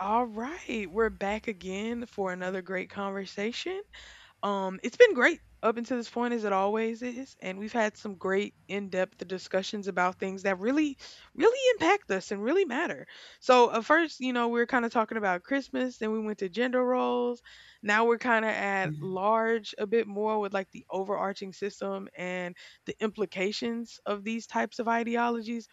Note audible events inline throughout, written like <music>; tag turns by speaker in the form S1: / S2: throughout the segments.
S1: All right, we're back again for another great conversation. It's been great up until this point, as it always is, and we've had some great in-depth discussions about things that really, really impact us and really matter. So at first, you know, we were kind of talking about Christmas, then we went to gender roles. Now we're kind of at
S2: <laughs>
S1: large a bit more with like the overarching system and the implications of these types of ideologies,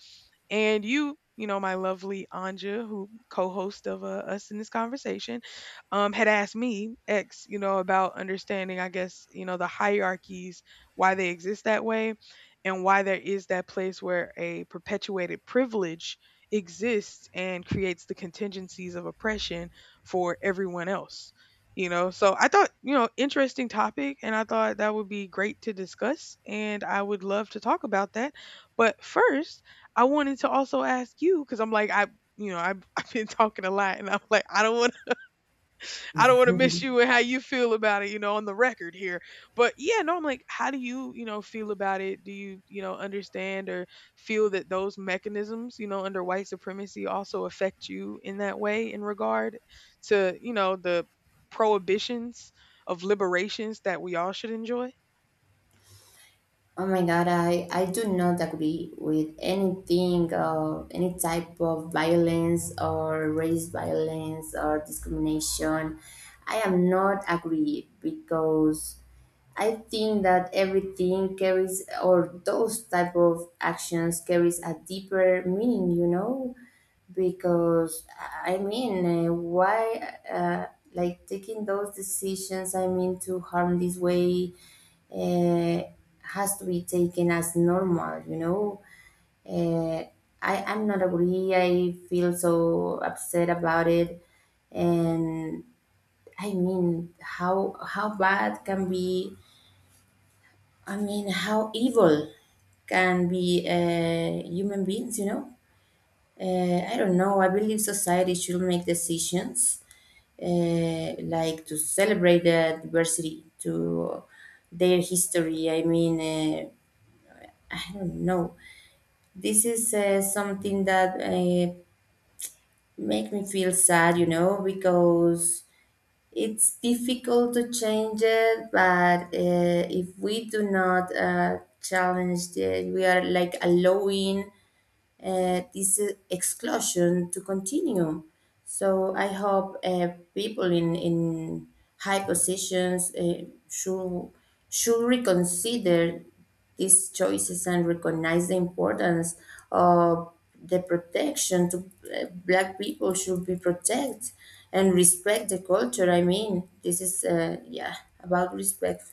S1: and you know my lovely Anja, who co-host of us in this conversation, had asked me, ex, you know, about understanding, I guess, you know, the hierarchies, why they exist that way, and why there is that place where a perpetuated privilege exists and creates the contingencies of oppression for everyone else. You know, so I thought, you know, interesting topic, and I thought that would be great to discuss, and I would love to talk about that. But first, I wanted to also ask you, because I'm like, I've, <laughs> I've been talking a lot, and I'm like, I don't want to miss you and how you feel about it, you know, on the record here. But yeah, no, I'm like, how do you, you know, feel about it? Do you, you know, understand or feel that those mechanisms, you know, under white supremacy also affect you in that way in regard to, you know, the prohibitions of liberations that we all should enjoy?
S2: Oh my God, I do not agree with anything, any type of violence or race violence or discrimination. I am not agree because I think that everything carries or those type of actions carries a deeper meaning, you know, because I mean, why like taking those decisions? I mean, to harm this way uh, has to be taken as normal uh, I'm not agree. I feel so upset about it. And I mean how bad can be. I mean how evil can be human beings, you know. I don't know. I believe society should make decisions, like to celebrate the diversity, to their history. I don't know. This is something that make me feel sad, you know, because it's difficult to change it. But if we do not challenge it, we are like allowing this exclusion to continue. So I hope people in high positions should reconsider these choices and recognize the importance of the protection to black people. Should be protected and respect the culture. I mean, this is yeah, about respect,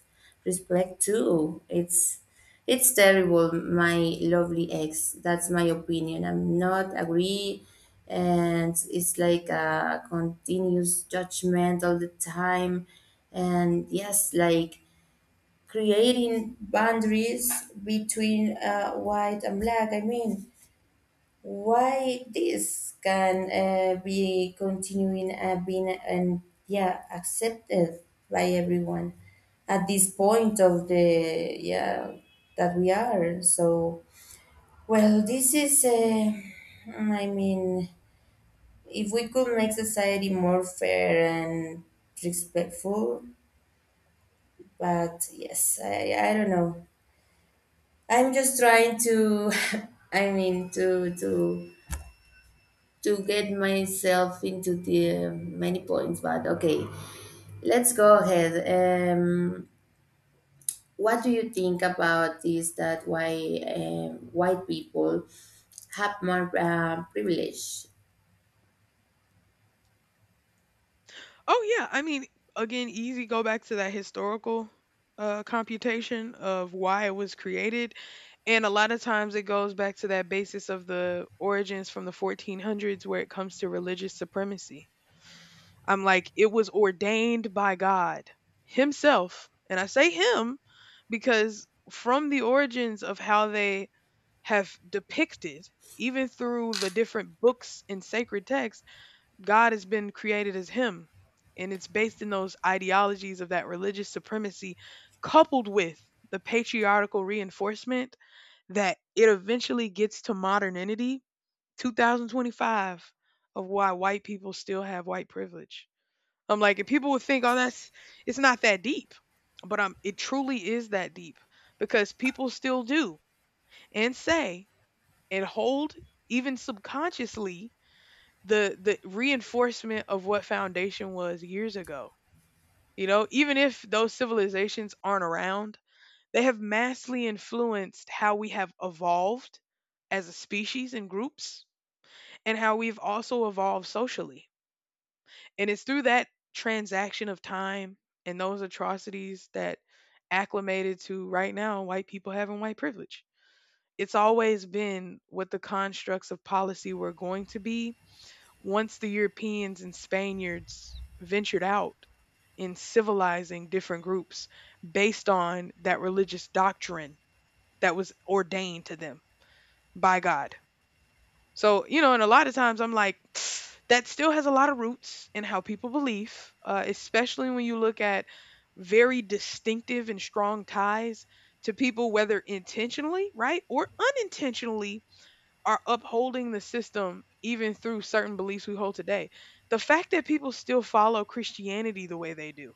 S2: respect too. It's terrible, my lovely ex. That's my opinion. I'm not agree, and it's like a continuous judgment all the time. And yes, like creating boundaries between white and black. I mean why this can be continuing being and yeah accepted by everyone at this point of the yeah that we are so well this is I mean if we could make society more fair and respectful. But yes, I don't know. I'm just trying to <laughs> I mean to get myself into the many points, but okay, let's go ahead. Um, what do you think about this? That why white people have more privilege?
S1: Oh yeah, I mean, again, easy go back to that historical computation of why it was created. And a lot of times it goes back to that basis of the origins from the 1400s where it comes to religious supremacy. I'm like, it was ordained by God Himself. And I say Him because from the origins of how they have depicted, even through the different books and sacred texts, God has been created as him. And it's based in those ideologies of that religious supremacy, coupled with the patriarchal reinforcement that it eventually gets to modernity, 2025, of why white people still have white privilege. I'm like, and people would think, oh, that's it's not that deep, but it truly is that deep because people still do and say and hold, even subconsciously, the reinforcement of what foundation was years ago. You know, even if those civilizations aren't around, they have massively influenced how we have evolved as a species and groups and how we've also evolved socially. And it's through that transaction of time and those atrocities that acclimated to right now white people having white privilege. It's always been what the constructs of policy were going to be once the Europeans and Spaniards ventured out in civilizing different groups based on that religious doctrine that was ordained to them by God. So, you know, and a lot of times I'm like, <sniffs> that still has a lot of roots in how people believe, especially when you look at very distinctive and strong ties to people, whether intentionally, right, or unintentionally are upholding the system even through certain beliefs we hold today. The fact that people still follow Christianity the way they do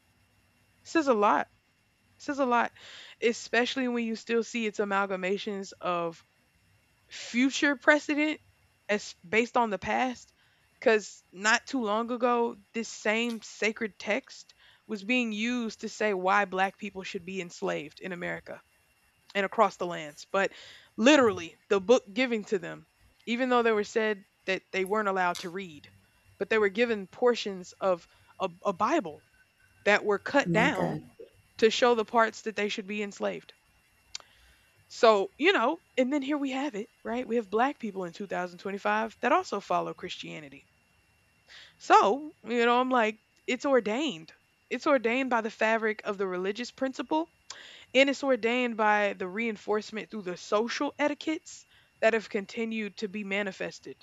S1: says a lot. Says a lot, especially when you still see its amalgamations of future precedent as based on the past. Because not too long ago, this same sacred text was being used to say why black people should be enslaved in America and across the lands. But literally, the book giving to them, even though they were said that they weren't allowed to read, but they were given portions of a Bible that were cut
S2: My
S1: down
S2: God.
S1: to show the parts that they should be enslaved. So, you know, and then here we have it, right? We have black people in 2025 that also follow Christianity. So, you know, I'm like, it's ordained. It's ordained by the fabric of the religious principle and it's ordained by the reinforcement through the social etiquettes that have continued to be manifested.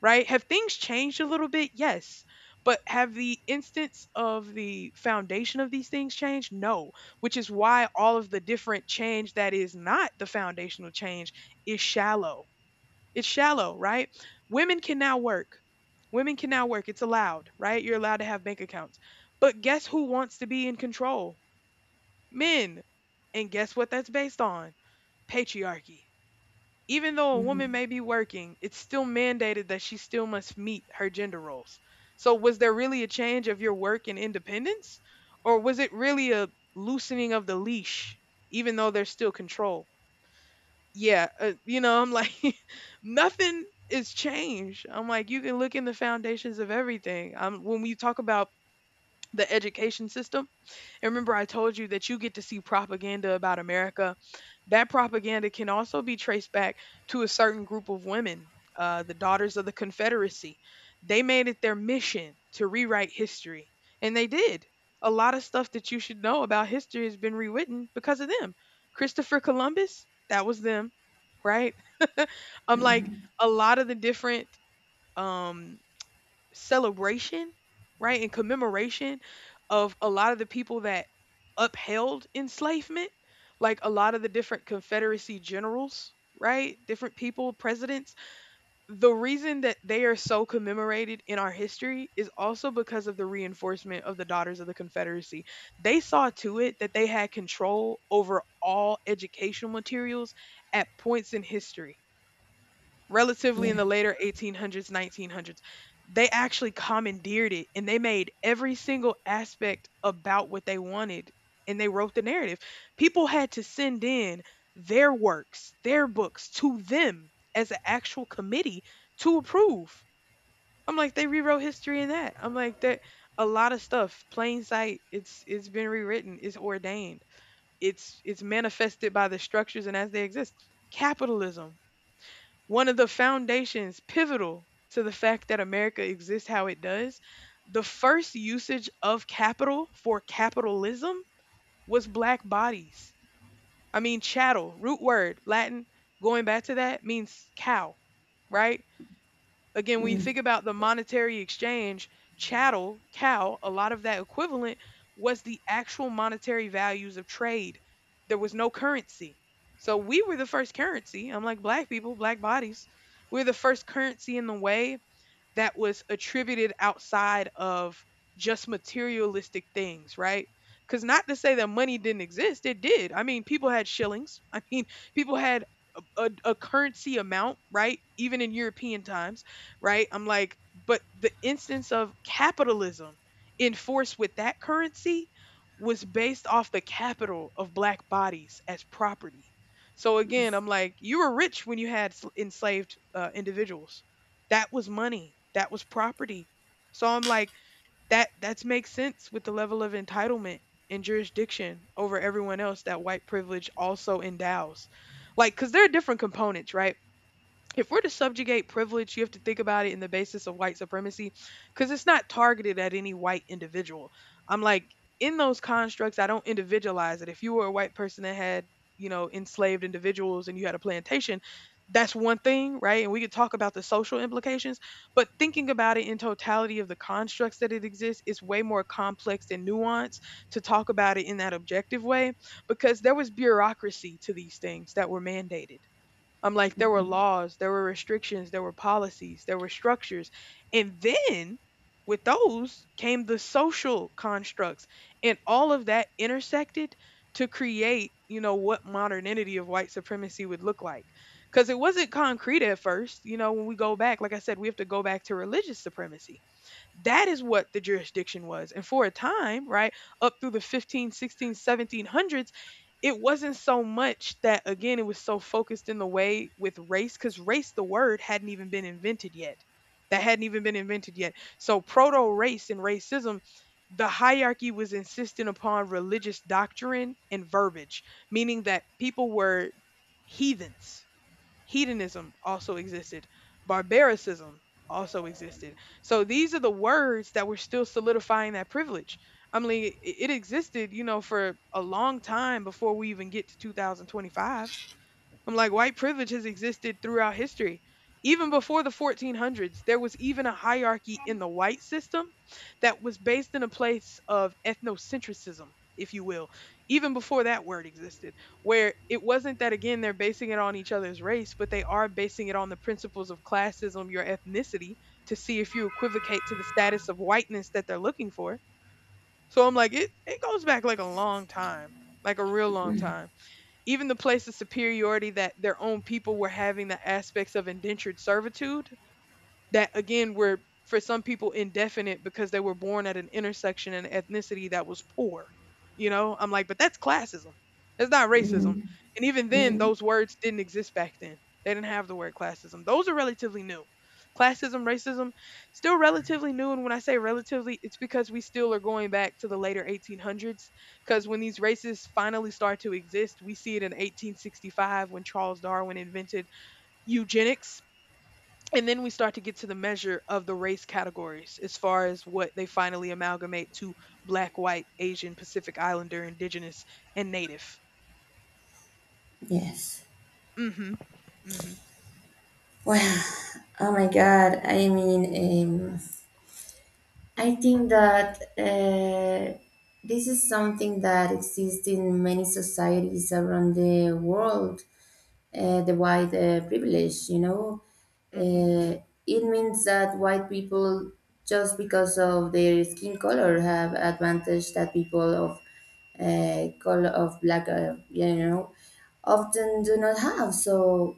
S1: Right, have things changed a little bit? Yes, but have the instance of the foundation of these things changed? No, which is why all of the different change that is not the foundational change is shallow. It's shallow, right? Women can now work. Women can now work, it's allowed. Right, you're allowed to have bank accounts, but guess who wants to be in control? Men. And guess what that's based on? Patriarchy. Even though a woman
S2: Mhm.
S1: may be working, it's still mandated that she still must meet her gender roles. So, was there really a change of your work and independence? Or was it really a loosening of the leash, even though there's still control? Yeah, you know, I'm like, <laughs> nothing is changed. I'm like, you can look in the foundations of everything. When we talk about the education system, and remember, I told you that you get to see propaganda about America. That propaganda can also be traced back to a certain group of women, the Daughters of the Confederacy. They made it their mission to rewrite history, and they did. A lot of stuff that you should know about history has been rewritten because of them. Christopher Columbus, that was them, right? <laughs> I'm like, a lot of the different um celebration, right, and commemoration of a lot of the people that upheld enslavement, like a lot of the different Confederacy generals, right, different people, presidents. The reason that they are so commemorated in our history is also because of the reinforcement of the Daughters of the Confederacy. They saw to it that they had control over all educational materials at points in history relatively in
S2: Yeah.
S1: the later 1800s, 1900s. They actually commandeered it and they made every single aspect about what they wanted, and they wrote the narrative. People had to send in their works, their books to them as an actual committee to approve. I'm like, they rewrote history in that. I'm like, that a lot of stuff plain sight, it's been rewritten, it's ordained. It's manifested by the structures and as they exist. Capitalism, one of the foundations pivotal to the fact that America exists how it does. The first usage of capital for capitalism was black bodies. I mean, chattel, root word, Latin, going back to that means cow, right? Again, when you
S2: Mhm.
S1: think about the monetary exchange, chattel, cow, a lot of that equivalent was the actual monetary values of trade. There was no currency. So we were the first currency, I'm like, black people, black bodies. We're the first currency in the way that was attributed outside of just materialistic things, right? Because not to say that money didn't exist, it did. I mean, people had shillings. <laughs> I mean, people had a currency amount, right? Even in European times, right? I'm like, but the instance of capitalism enforced with that currency was based off the capital of black bodies as property. So again, I'm like, you were rich when you had enslaved individuals. That was money. That was property. So I'm like, that makes sense with the level of entitlement and jurisdiction over everyone else that white privilege also endows. Like, cause there are different components, right? If we're to subjugate privilege, you have to think about it in the basis of white supremacy because it's not targeted at any white individual. I'm like, in those constructs, I don't individualize it. If you were a white person that had, you know, enslaved individuals and you had a plantation, that's one thing, right? And we could talk about the social implications, but thinking about it in totality of the constructs that it exists, it's way more complex and nuanced to talk about it in that objective way because there was bureaucracy to these things that were mandated. I'm like, there were laws, there were restrictions, there were policies, there were structures. And then with those came the social constructs. And all of that intersected to create, you know, what modernity of white supremacy would look like. Because it wasn't concrete at first. You know, when we go back, like I said, we have to go back to religious supremacy. That is what the jurisdiction was. And for a time, right, up through the fifteen, sixteen, seventeen hundreds, it wasn't so much that again it was so focused in the way with race, because race, the word, hadn't even been invented yet. That hadn't even been invented yet. So proto race and racism, the hierarchy was insistent upon religious doctrine and verbiage, meaning that people were heathens. Hedonism also existed. Barbaricism also existed. So these are the words that were still solidifying that privilege. I mean, it existed, you know, for a long time before we even get to 2025. I'm like, white privilege has existed throughout history. Even before the 1400s, there was even a hierarchy in the white system that was based in a place of ethnocentrism, if you will, even before that word existed, where it wasn't that, again, they're basing it on each other's race, but they are basing it on the principles of classism, your ethnicity, to see if you equivocate to the status of whiteness that they're looking for. So I'm like, it goes back like a long time, like a real long time. Even the place of superiority that their own people were having the aspects of indentured servitude that again were for some people indefinite because they were born at an intersection and ethnicity that was poor. You know, I'm like, but that's classism. That's not racism.
S2: Mhm.
S1: And even then, those words didn't exist back then. They didn't have the word classism. Those are relatively new. Classism, racism, still relatively new. And when I say relatively, it's because we still are going back to the later 1800s. Because when these races finally start to exist, we see it in 1865 when Charles Darwin invented eugenics, and then we start to get to the measure of the race categories as far as what they finally amalgamate to: black, white, Asian, Pacific Islander, indigenous, and native.
S2: Yes.
S1: mm Mhm.
S2: Well, oh my God. I mean, I think that this is something that exists in many societies around the world, the white privilege, you know.
S1: Mhm.
S2: It means that white people, just because of their skin color, have advantage that people of color of black, you know, often do not have. So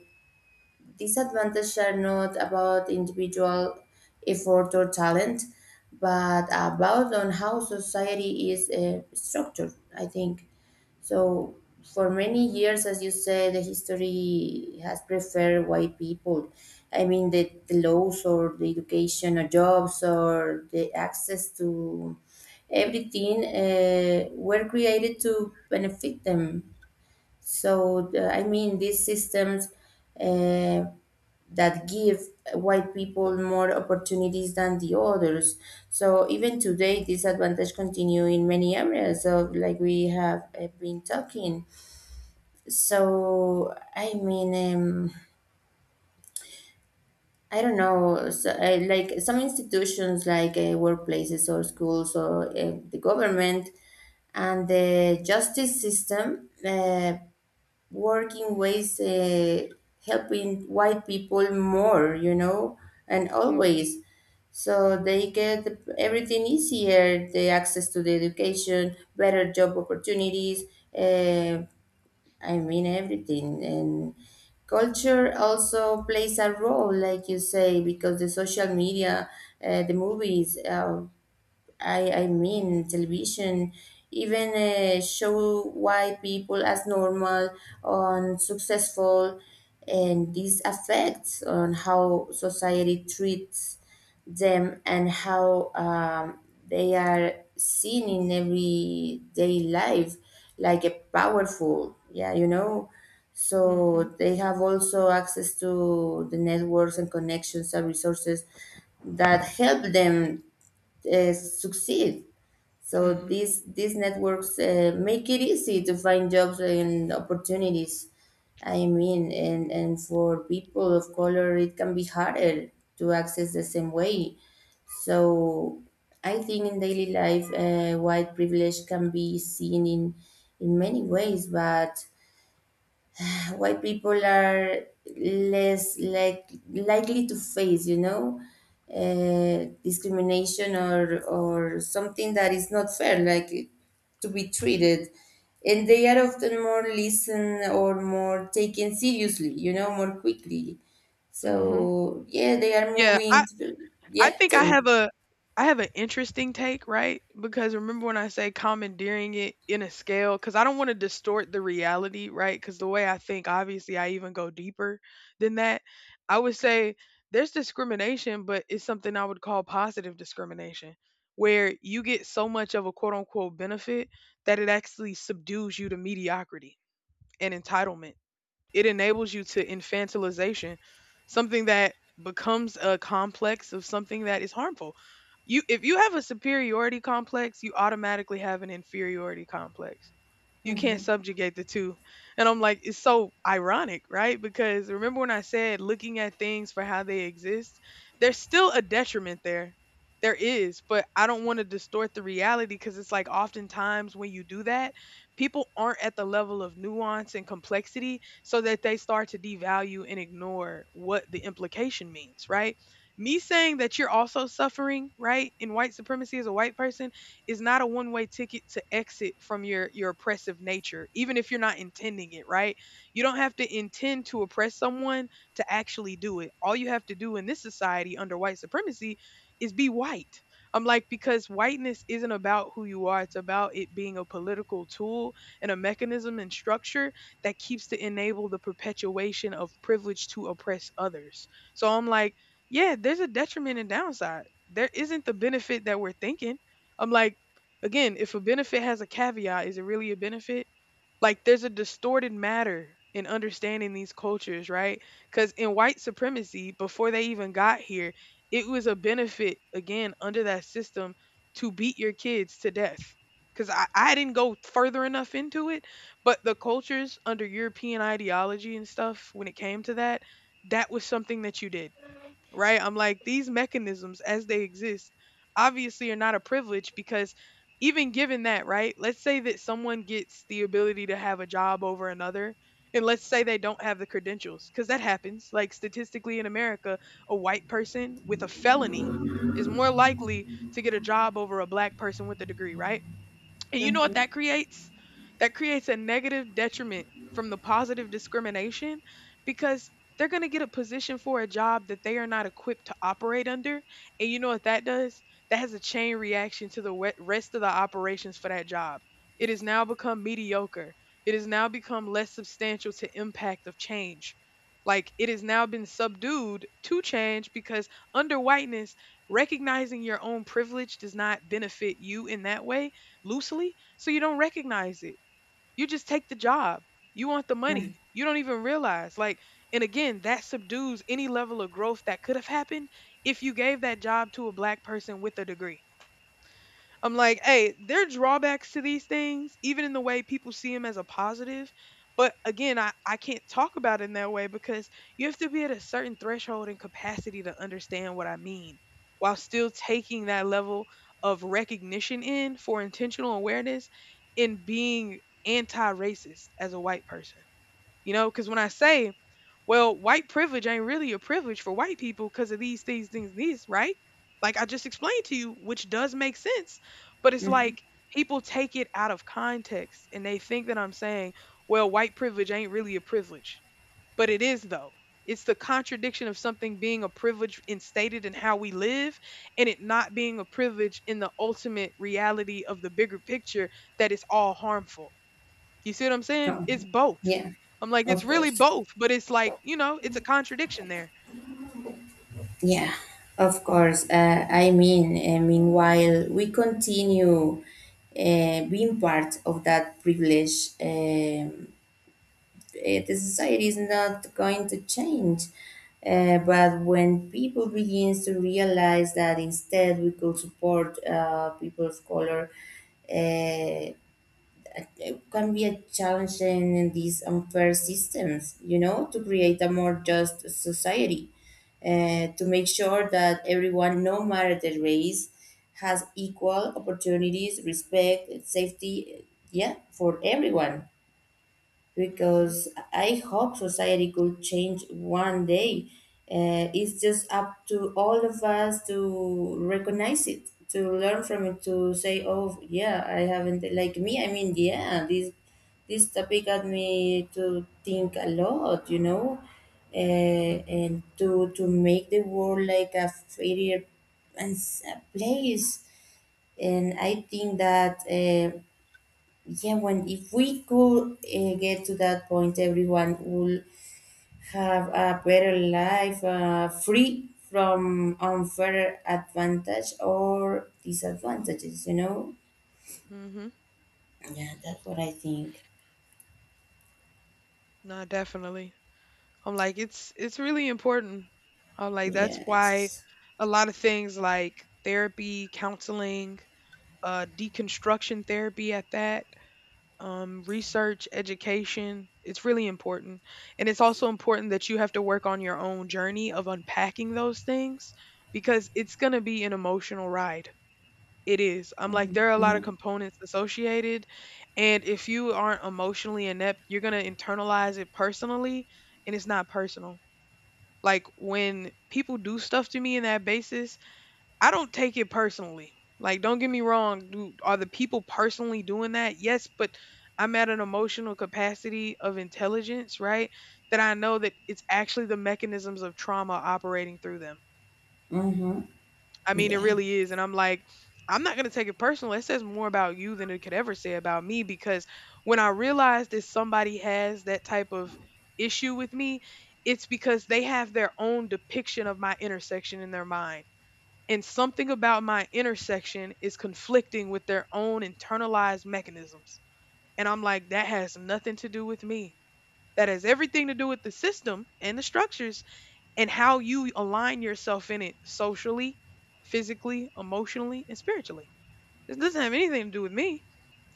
S2: disadvantages are not about individual effort or talent, but about on how society is structured, I think. So for many years, as you said, the history has preferred white people. I mean, the laws or the education or jobs or the access to everything were created to benefit them. So, I mean, these systems uh, that give white people more opportunities than the others. So even today, disadvantage continue in many areas of like we have been talking. So I mean, I don't know. So, like some institutions, like workplaces or schools or the government and the justice system. Work in ways helping white people more, you know, and
S1: Mhm.
S2: always. So they get everything easier, the access to the education, better job opportunities, uh, I mean everything. And culture also plays a role, like you say, because the social media, the movies, I mean, television even show white people as normal and successful, and this affects on how society treats them and how they are seen in everyday life, like a powerful, yeah, you know. So
S1: Mhm.
S2: they have also access to the networks and connections and resources that help them succeed.
S1: Mhm.
S2: So
S1: Mhm.
S2: these networks make it easy to find jobs and opportunities. I mean, and for people of color, it can be harder to access the same way. So I think in daily life, white privilege can be seen in many ways, but white people are less likely to face, you know, discrimination or something that is not fair, like to be treated, and they are often more listened or more taken seriously, you know, more quickly.
S1: Mhm.
S2: So yeah, they are
S1: Yeah,
S2: moving. To,
S1: I
S2: yeah,
S1: think
S2: tell
S1: I
S2: me.
S1: have a I have an interesting take, right? Because remember when I say commandeering it in a scale, because I don't want to distort the reality, right? Because the way I think, obviously, I even go deeper than that. I would say there's discrimination, but it's something I would call positive discrimination, where you get so much of a quote unquote benefit that it actually subdues you to mediocrity and entitlement. It enables you to infantilization, something that becomes a complex of something that is harmful. You if you have a superiority complex, you automatically have an inferiority complex. You can't
S2: Hmm.
S1: subjugate the two. And I'm like, it's so ironic, right? Because remember when I said looking at things for how they exist, there's still a detriment there. There is, but I don't want to distort the reality because it's like oftentimes when you do that, people aren't at the level of nuance and complexity so that they start to devalue and ignore what the implication means, right? Me saying that you're also suffering, right, in white supremacy as a white person is not a one-way ticket to exit from your oppressive nature, even if you're not intending it, right? You don't have to intend to oppress someone to actually do it. All you have to do in this society under white supremacy is be white. I'm like, because whiteness isn't about who you are, it's about it being a political tool and a mechanism and structure that keeps to enable the perpetuation of privilege to oppress others. So I'm like, yeah, there's a detriment and downside. There isn't the benefit that we're thinking. I'm like, again, if a benefit has a caveat, is it really a benefit? Like there's a distorted matter in understanding these cultures, right? Because in white supremacy, before they even got here, it was a benefit, again, under that system to beat your kids to death. Because I didn't go further enough into it, but the cultures under European ideology and stuff, when it came to that, that was something that you did, right? I'm like, these mechanisms as they exist obviously are not a privilege because even given that, right? Let's say that someone gets the ability to have a job over another. And let's say they don't have the credentials, because that happens. Like statistically in America, a white person with a felony is more likely to get a job over a black person with a degree, right? And you know what
S2: Hmm.
S1: that creates? That creates a negative detriment from the positive discrimination because they're going to get a position for a job that they are not equipped to operate under. And you know what that does? That has a chain reaction to the rest of the operations for that job. It has now become mediocre. It has now become less substantial to impact of change. Like it has now been subdued to change because under whiteness, recognizing your own privilege does not benefit you in that way loosely, so you don't recognize it. You just take the job, you want the
S2: Hmm.
S1: money, you don't even realize, like, and again, that subdues any level of growth that could have happened if you gave that job to a black person with a degree. I'm like, hey, there are drawbacks to these things, even in the way people see them as a positive. But again, I can't talk about it in that way because you have to be at a certain threshold and capacity to understand what I mean while still taking that level of recognition in for intentional awareness in being anti racist as a white person. You know, because when I say, well, white privilege ain't really a privilege for white people because of these things, these, right? Like I just explained to you, which does make sense, but it's
S2: Hmm.
S1: like people take it out of context and they think that I'm saying, well, white privilege ain't really a privilege, but it is though. It's the contradiction of something being a privilege instated in how we live and it not being a privilege in the ultimate reality of the bigger picture that it's all harmful. You see what I'm saying?
S2: Oh,
S1: It's both.
S2: yeah,
S1: I'm like, it's
S2: of
S1: really
S2: course.
S1: both, but it's like, you know, it's a contradiction there.
S2: Yeah, of course. I mean, meanwhile, we continue being part of that privilege. Eh, the society is not going to change. But when people begins to realize that instead we could support people of color, uh, it can be a challenge in, these unfair systems, you know, to create a more just society, to make sure that everyone, no matter their race, has equal opportunities, respect, safety, yeah, for everyone,
S1: Mhm.
S2: because I hope society could change one day. It's just up to all of us to recognize it, to learn from it, to say, "Oh, yeah, I haven't like me." I mean, yeah, this topic got me to think a lot, you know,
S1: Mhm.
S2: and to make the world like a fairer and s- a place. And I think that. Yeah, when if we could get to that point, everyone would have a better life, free from unfair advantage or disadvantages. You know.
S1: Mhm.
S2: Yeah, that's what I think.
S1: No, definitely. I'm like, it's really important. I'm like, that's why
S2: Yes.
S1: a lot of things like therapy, counseling, deconstruction therapy at that, research, education, it's really important. And it's also important that you have to work on your own journey of unpacking those things because it's going to be an emotional ride. It is. I'm like, there are a lot
S2: Mm-hmm.
S1: of components associated. And if you aren't emotionally inept, you're going to internalize it personally, and it's not personal. Like, when people do stuff to me in that basis, I don't take it personally. Like, don't get me wrong. Do, are the people personally doing that? Yes, but I'm at an emotional capacity of intelligence, right? That I know that it's actually the mechanisms of trauma operating through them.
S2: Mm-hmm.
S1: I mean, it
S2: Yeah.
S1: really is. And I'm like, I'm not going to take it personal. It says more about you than it could ever say about me because when I realize that somebody has that type of issue with me, it's because they have their own depiction of my intersection in their mind. And something about my intersection is conflicting with their own internalized mechanisms. And I'm like, that has nothing to do with me. That has everything to do with the system and the structures and how you align yourself in it socially, physically, emotionally, and spiritually. This doesn't have anything to do with me.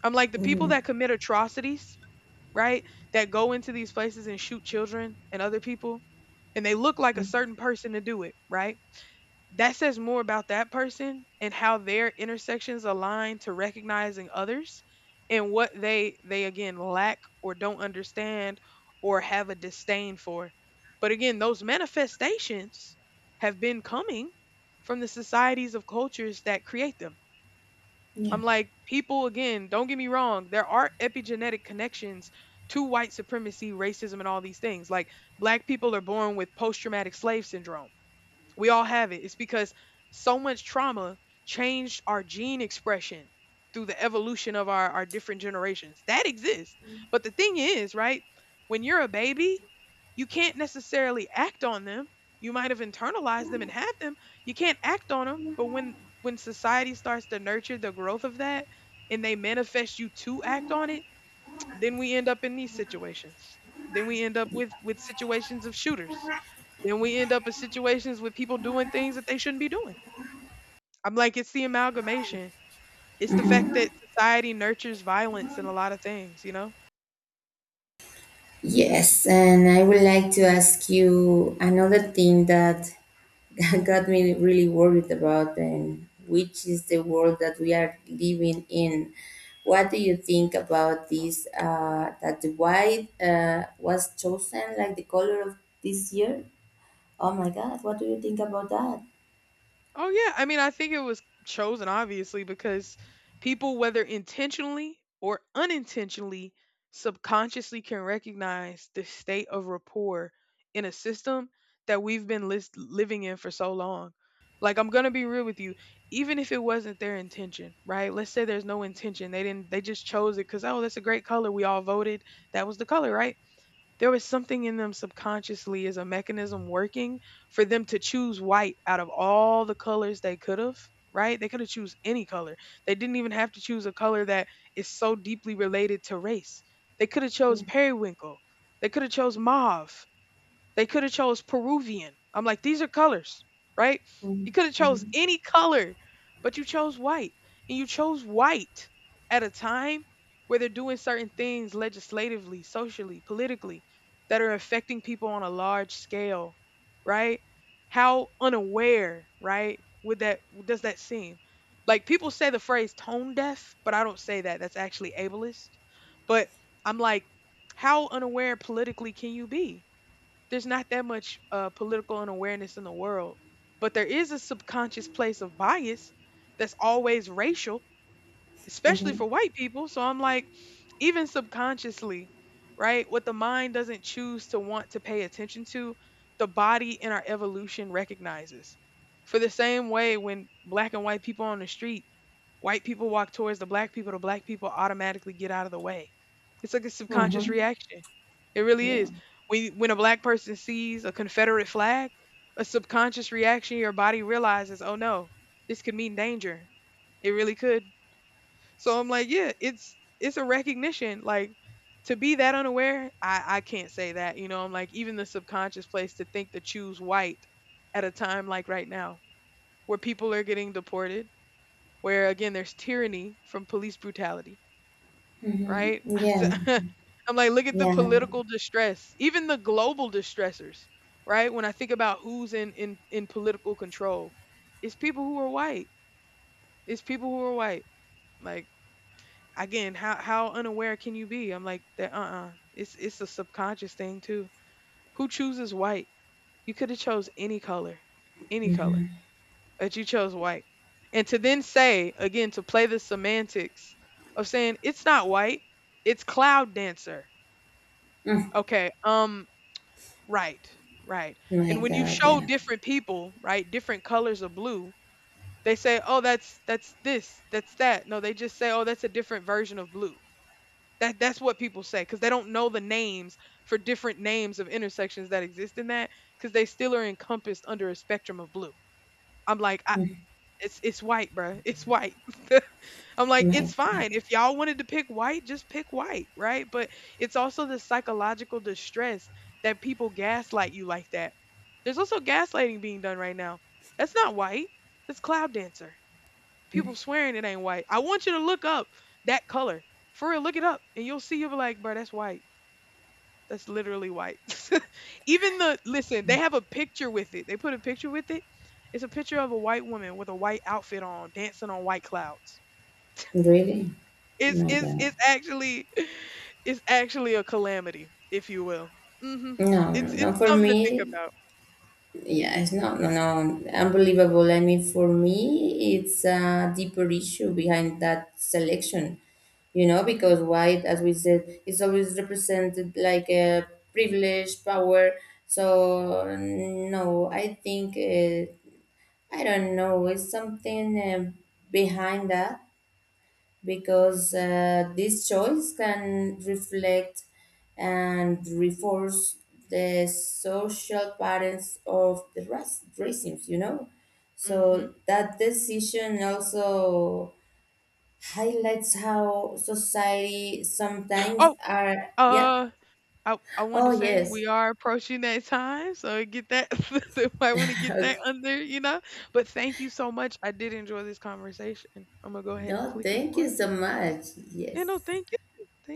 S1: I'm like, the people
S2: Mm-hmm.
S1: that commit atrocities, right? That go into these places and shoot children and other people, and they look like a certain person to do it, right? That says more about that person and how their intersections align to recognizing others and what they again lack or don't understand or have a disdain for. But again, those manifestations have been coming from the societies of cultures that create them.
S2: Yeah.
S1: I'm like, people, again, don't get me wrong, there are epigenetic connections to white supremacy, racism, and all these things. Like, black people are born with post traumatic slave syndrome. We all have it. It's because so much trauma changed our gene expression through the evolution of our different generations. That exists. But the thing is, right, when you're a baby, you can't necessarily act on them. You might have internalized them and have them. You can't act on them. But when society starts to nurture the growth of that and they manifest you to act on it, then we end up in these situations. Then we end up with situations of shooters, then we end up in situations with people doing things that they shouldn't be doing. I'm like, it's the amalgamation. It's the fact that society nurtures violence in a lot of things, you know?
S2: Yes, and I would like to ask you another thing that <laughs> got me really worried about, and which is the world that we are living in. What do you think about this? That the white was chosen like the color of this year? Oh my God, what do you think about that?
S1: Oh yeah, I mean, I think it was chosen obviously because people, whether intentionally or unintentionally, subconsciously can recognize the state of rapport in a system that we've been living in for so long. Like I'm gonna be real with you, even if it wasn't their intention, right? Let's say there's no intention. They didn't. They just chose it because oh, that's a great color. We all voted. That was the color, right? There was something in them subconsciously as a mechanism working for them to choose white out of all the colors they could have, right? They could have choose any color. They didn't even have to choose a color that is so deeply related to race. They could have chose
S2: Mm-hmm.
S1: periwinkle. They could have chose mauve. They could have chose Peruvian. I'm like, these are colors, right? You could have chose
S2: Mm-hmm.
S1: any color, but you chose white. And you chose white at a time where they're doing certain things legislatively, socially, politically that are affecting people on a large scale, right? How unaware, right? Would that does that seem? Like people say the phrase tone deaf, but I don't say that. That's actually ableist. But I'm like, how unaware politically can you be? There's not that much political unawareness in the world, but there is a subconscious place of bias that's always racial especially
S2: Mm-hmm.
S1: for white people. So I'm like, even subconsciously, right? What the mind doesn't choose to want to pay attention to, the body in our evolution recognizes. For the same way, when black and white people on the street, white people walk towards the black people automatically get out of the way. It's like a subconscious
S2: Mm-hmm.
S1: reaction. It really
S2: Yeah.
S1: is. When a black person sees a Confederate flag, a subconscious reaction, your body realizes, oh no, this could mean danger. It really could. So I'm like, yeah, it's a recognition. Like to be that unaware, I can't say that. You know, I'm like even the subconscious place to think to choose white at a time like right now, where people are getting deported, where again there's tyranny from police brutality,
S2: Mm-hmm.
S1: right? <laughs> So,
S2: Yeah.
S1: <laughs> I'm like, look at the
S2: Yeah. Yeah.
S1: political distress, even the global distressors, right? When I think about who's in political control, it's people who are white. It's people who are white. Like again, how unaware can you be? I'm like that. It's a subconscious thing too. Who chooses white? You could have chose any color, but you chose white. And to then say again to play the semantics of saying it's not white, it's cloud dancer.
S2: Mm.
S1: Okay, right, right.
S2: My
S1: And when you
S2: God.
S1: show
S2: Yeah.
S1: different people, right, different colors of blue, they say, oh, that's this, that's that. No, they just say, oh, that's a different version of blue. That's what people say because they don't know the names for different names of intersections that exist in that because they still are encompassed under a spectrum of blue. I'm like, I, it's white, bruh. It's white. <laughs> I'm like,
S2: My
S1: it's
S2: God.
S1: fine. If y'all wanted to pick white, just pick white, right? But it's also the psychological distress that people gaslight you like that. There's also gaslighting being done right now. That's not white. That's cloud dancer. People swearing it ain't white. I want you to look up that color. For real, look it up. And you'll see you'll be like, bruh, that's white. That's literally white. <laughs> Even the listen, they have a picture with it. They put a picture with it. It's a picture of a white woman with a white outfit on, dancing on white clouds.
S2: Really?
S1: It's
S2: My
S1: it's
S2: God.
S1: it's actually <sighs> <laughs> it's actually a calamity, if you will. Mhm.
S2: No, no, no.
S1: It's
S2: For
S1: something to think
S2: me,
S1: about.
S2: yeah, it's not, no, no, unbelievable. I mean, for me, it's a deeper issue behind that selection, you know, because
S1: Mhm.
S2: white, as we said, is always represented like a privilege, power. So, no, I think, I don't know, it's something behind that. Because
S1: Mhm.
S2: this choice can reflect and reinforce the social patterns of the rac- racism, you know.
S1: Mhm.
S2: So that decision also highlights how society
S1: <gasps>
S2: sometimes
S1: Oh,
S2: are, yeah.
S1: uh I wanted
S2: Oh,
S1: to say
S2: yes.
S1: we are approaching that time, so get that. <laughs> I want to
S2: <laughs>
S1: get that
S2: Okay.
S1: under, you know. But thank you so much. I did enjoy this conversation. I'm gonna go ahead and
S2: No,
S1: click it
S2: thank
S1: for
S2: you
S1: it.
S2: so much.
S1: Yeah, no,
S2: Yes.
S1: thank you.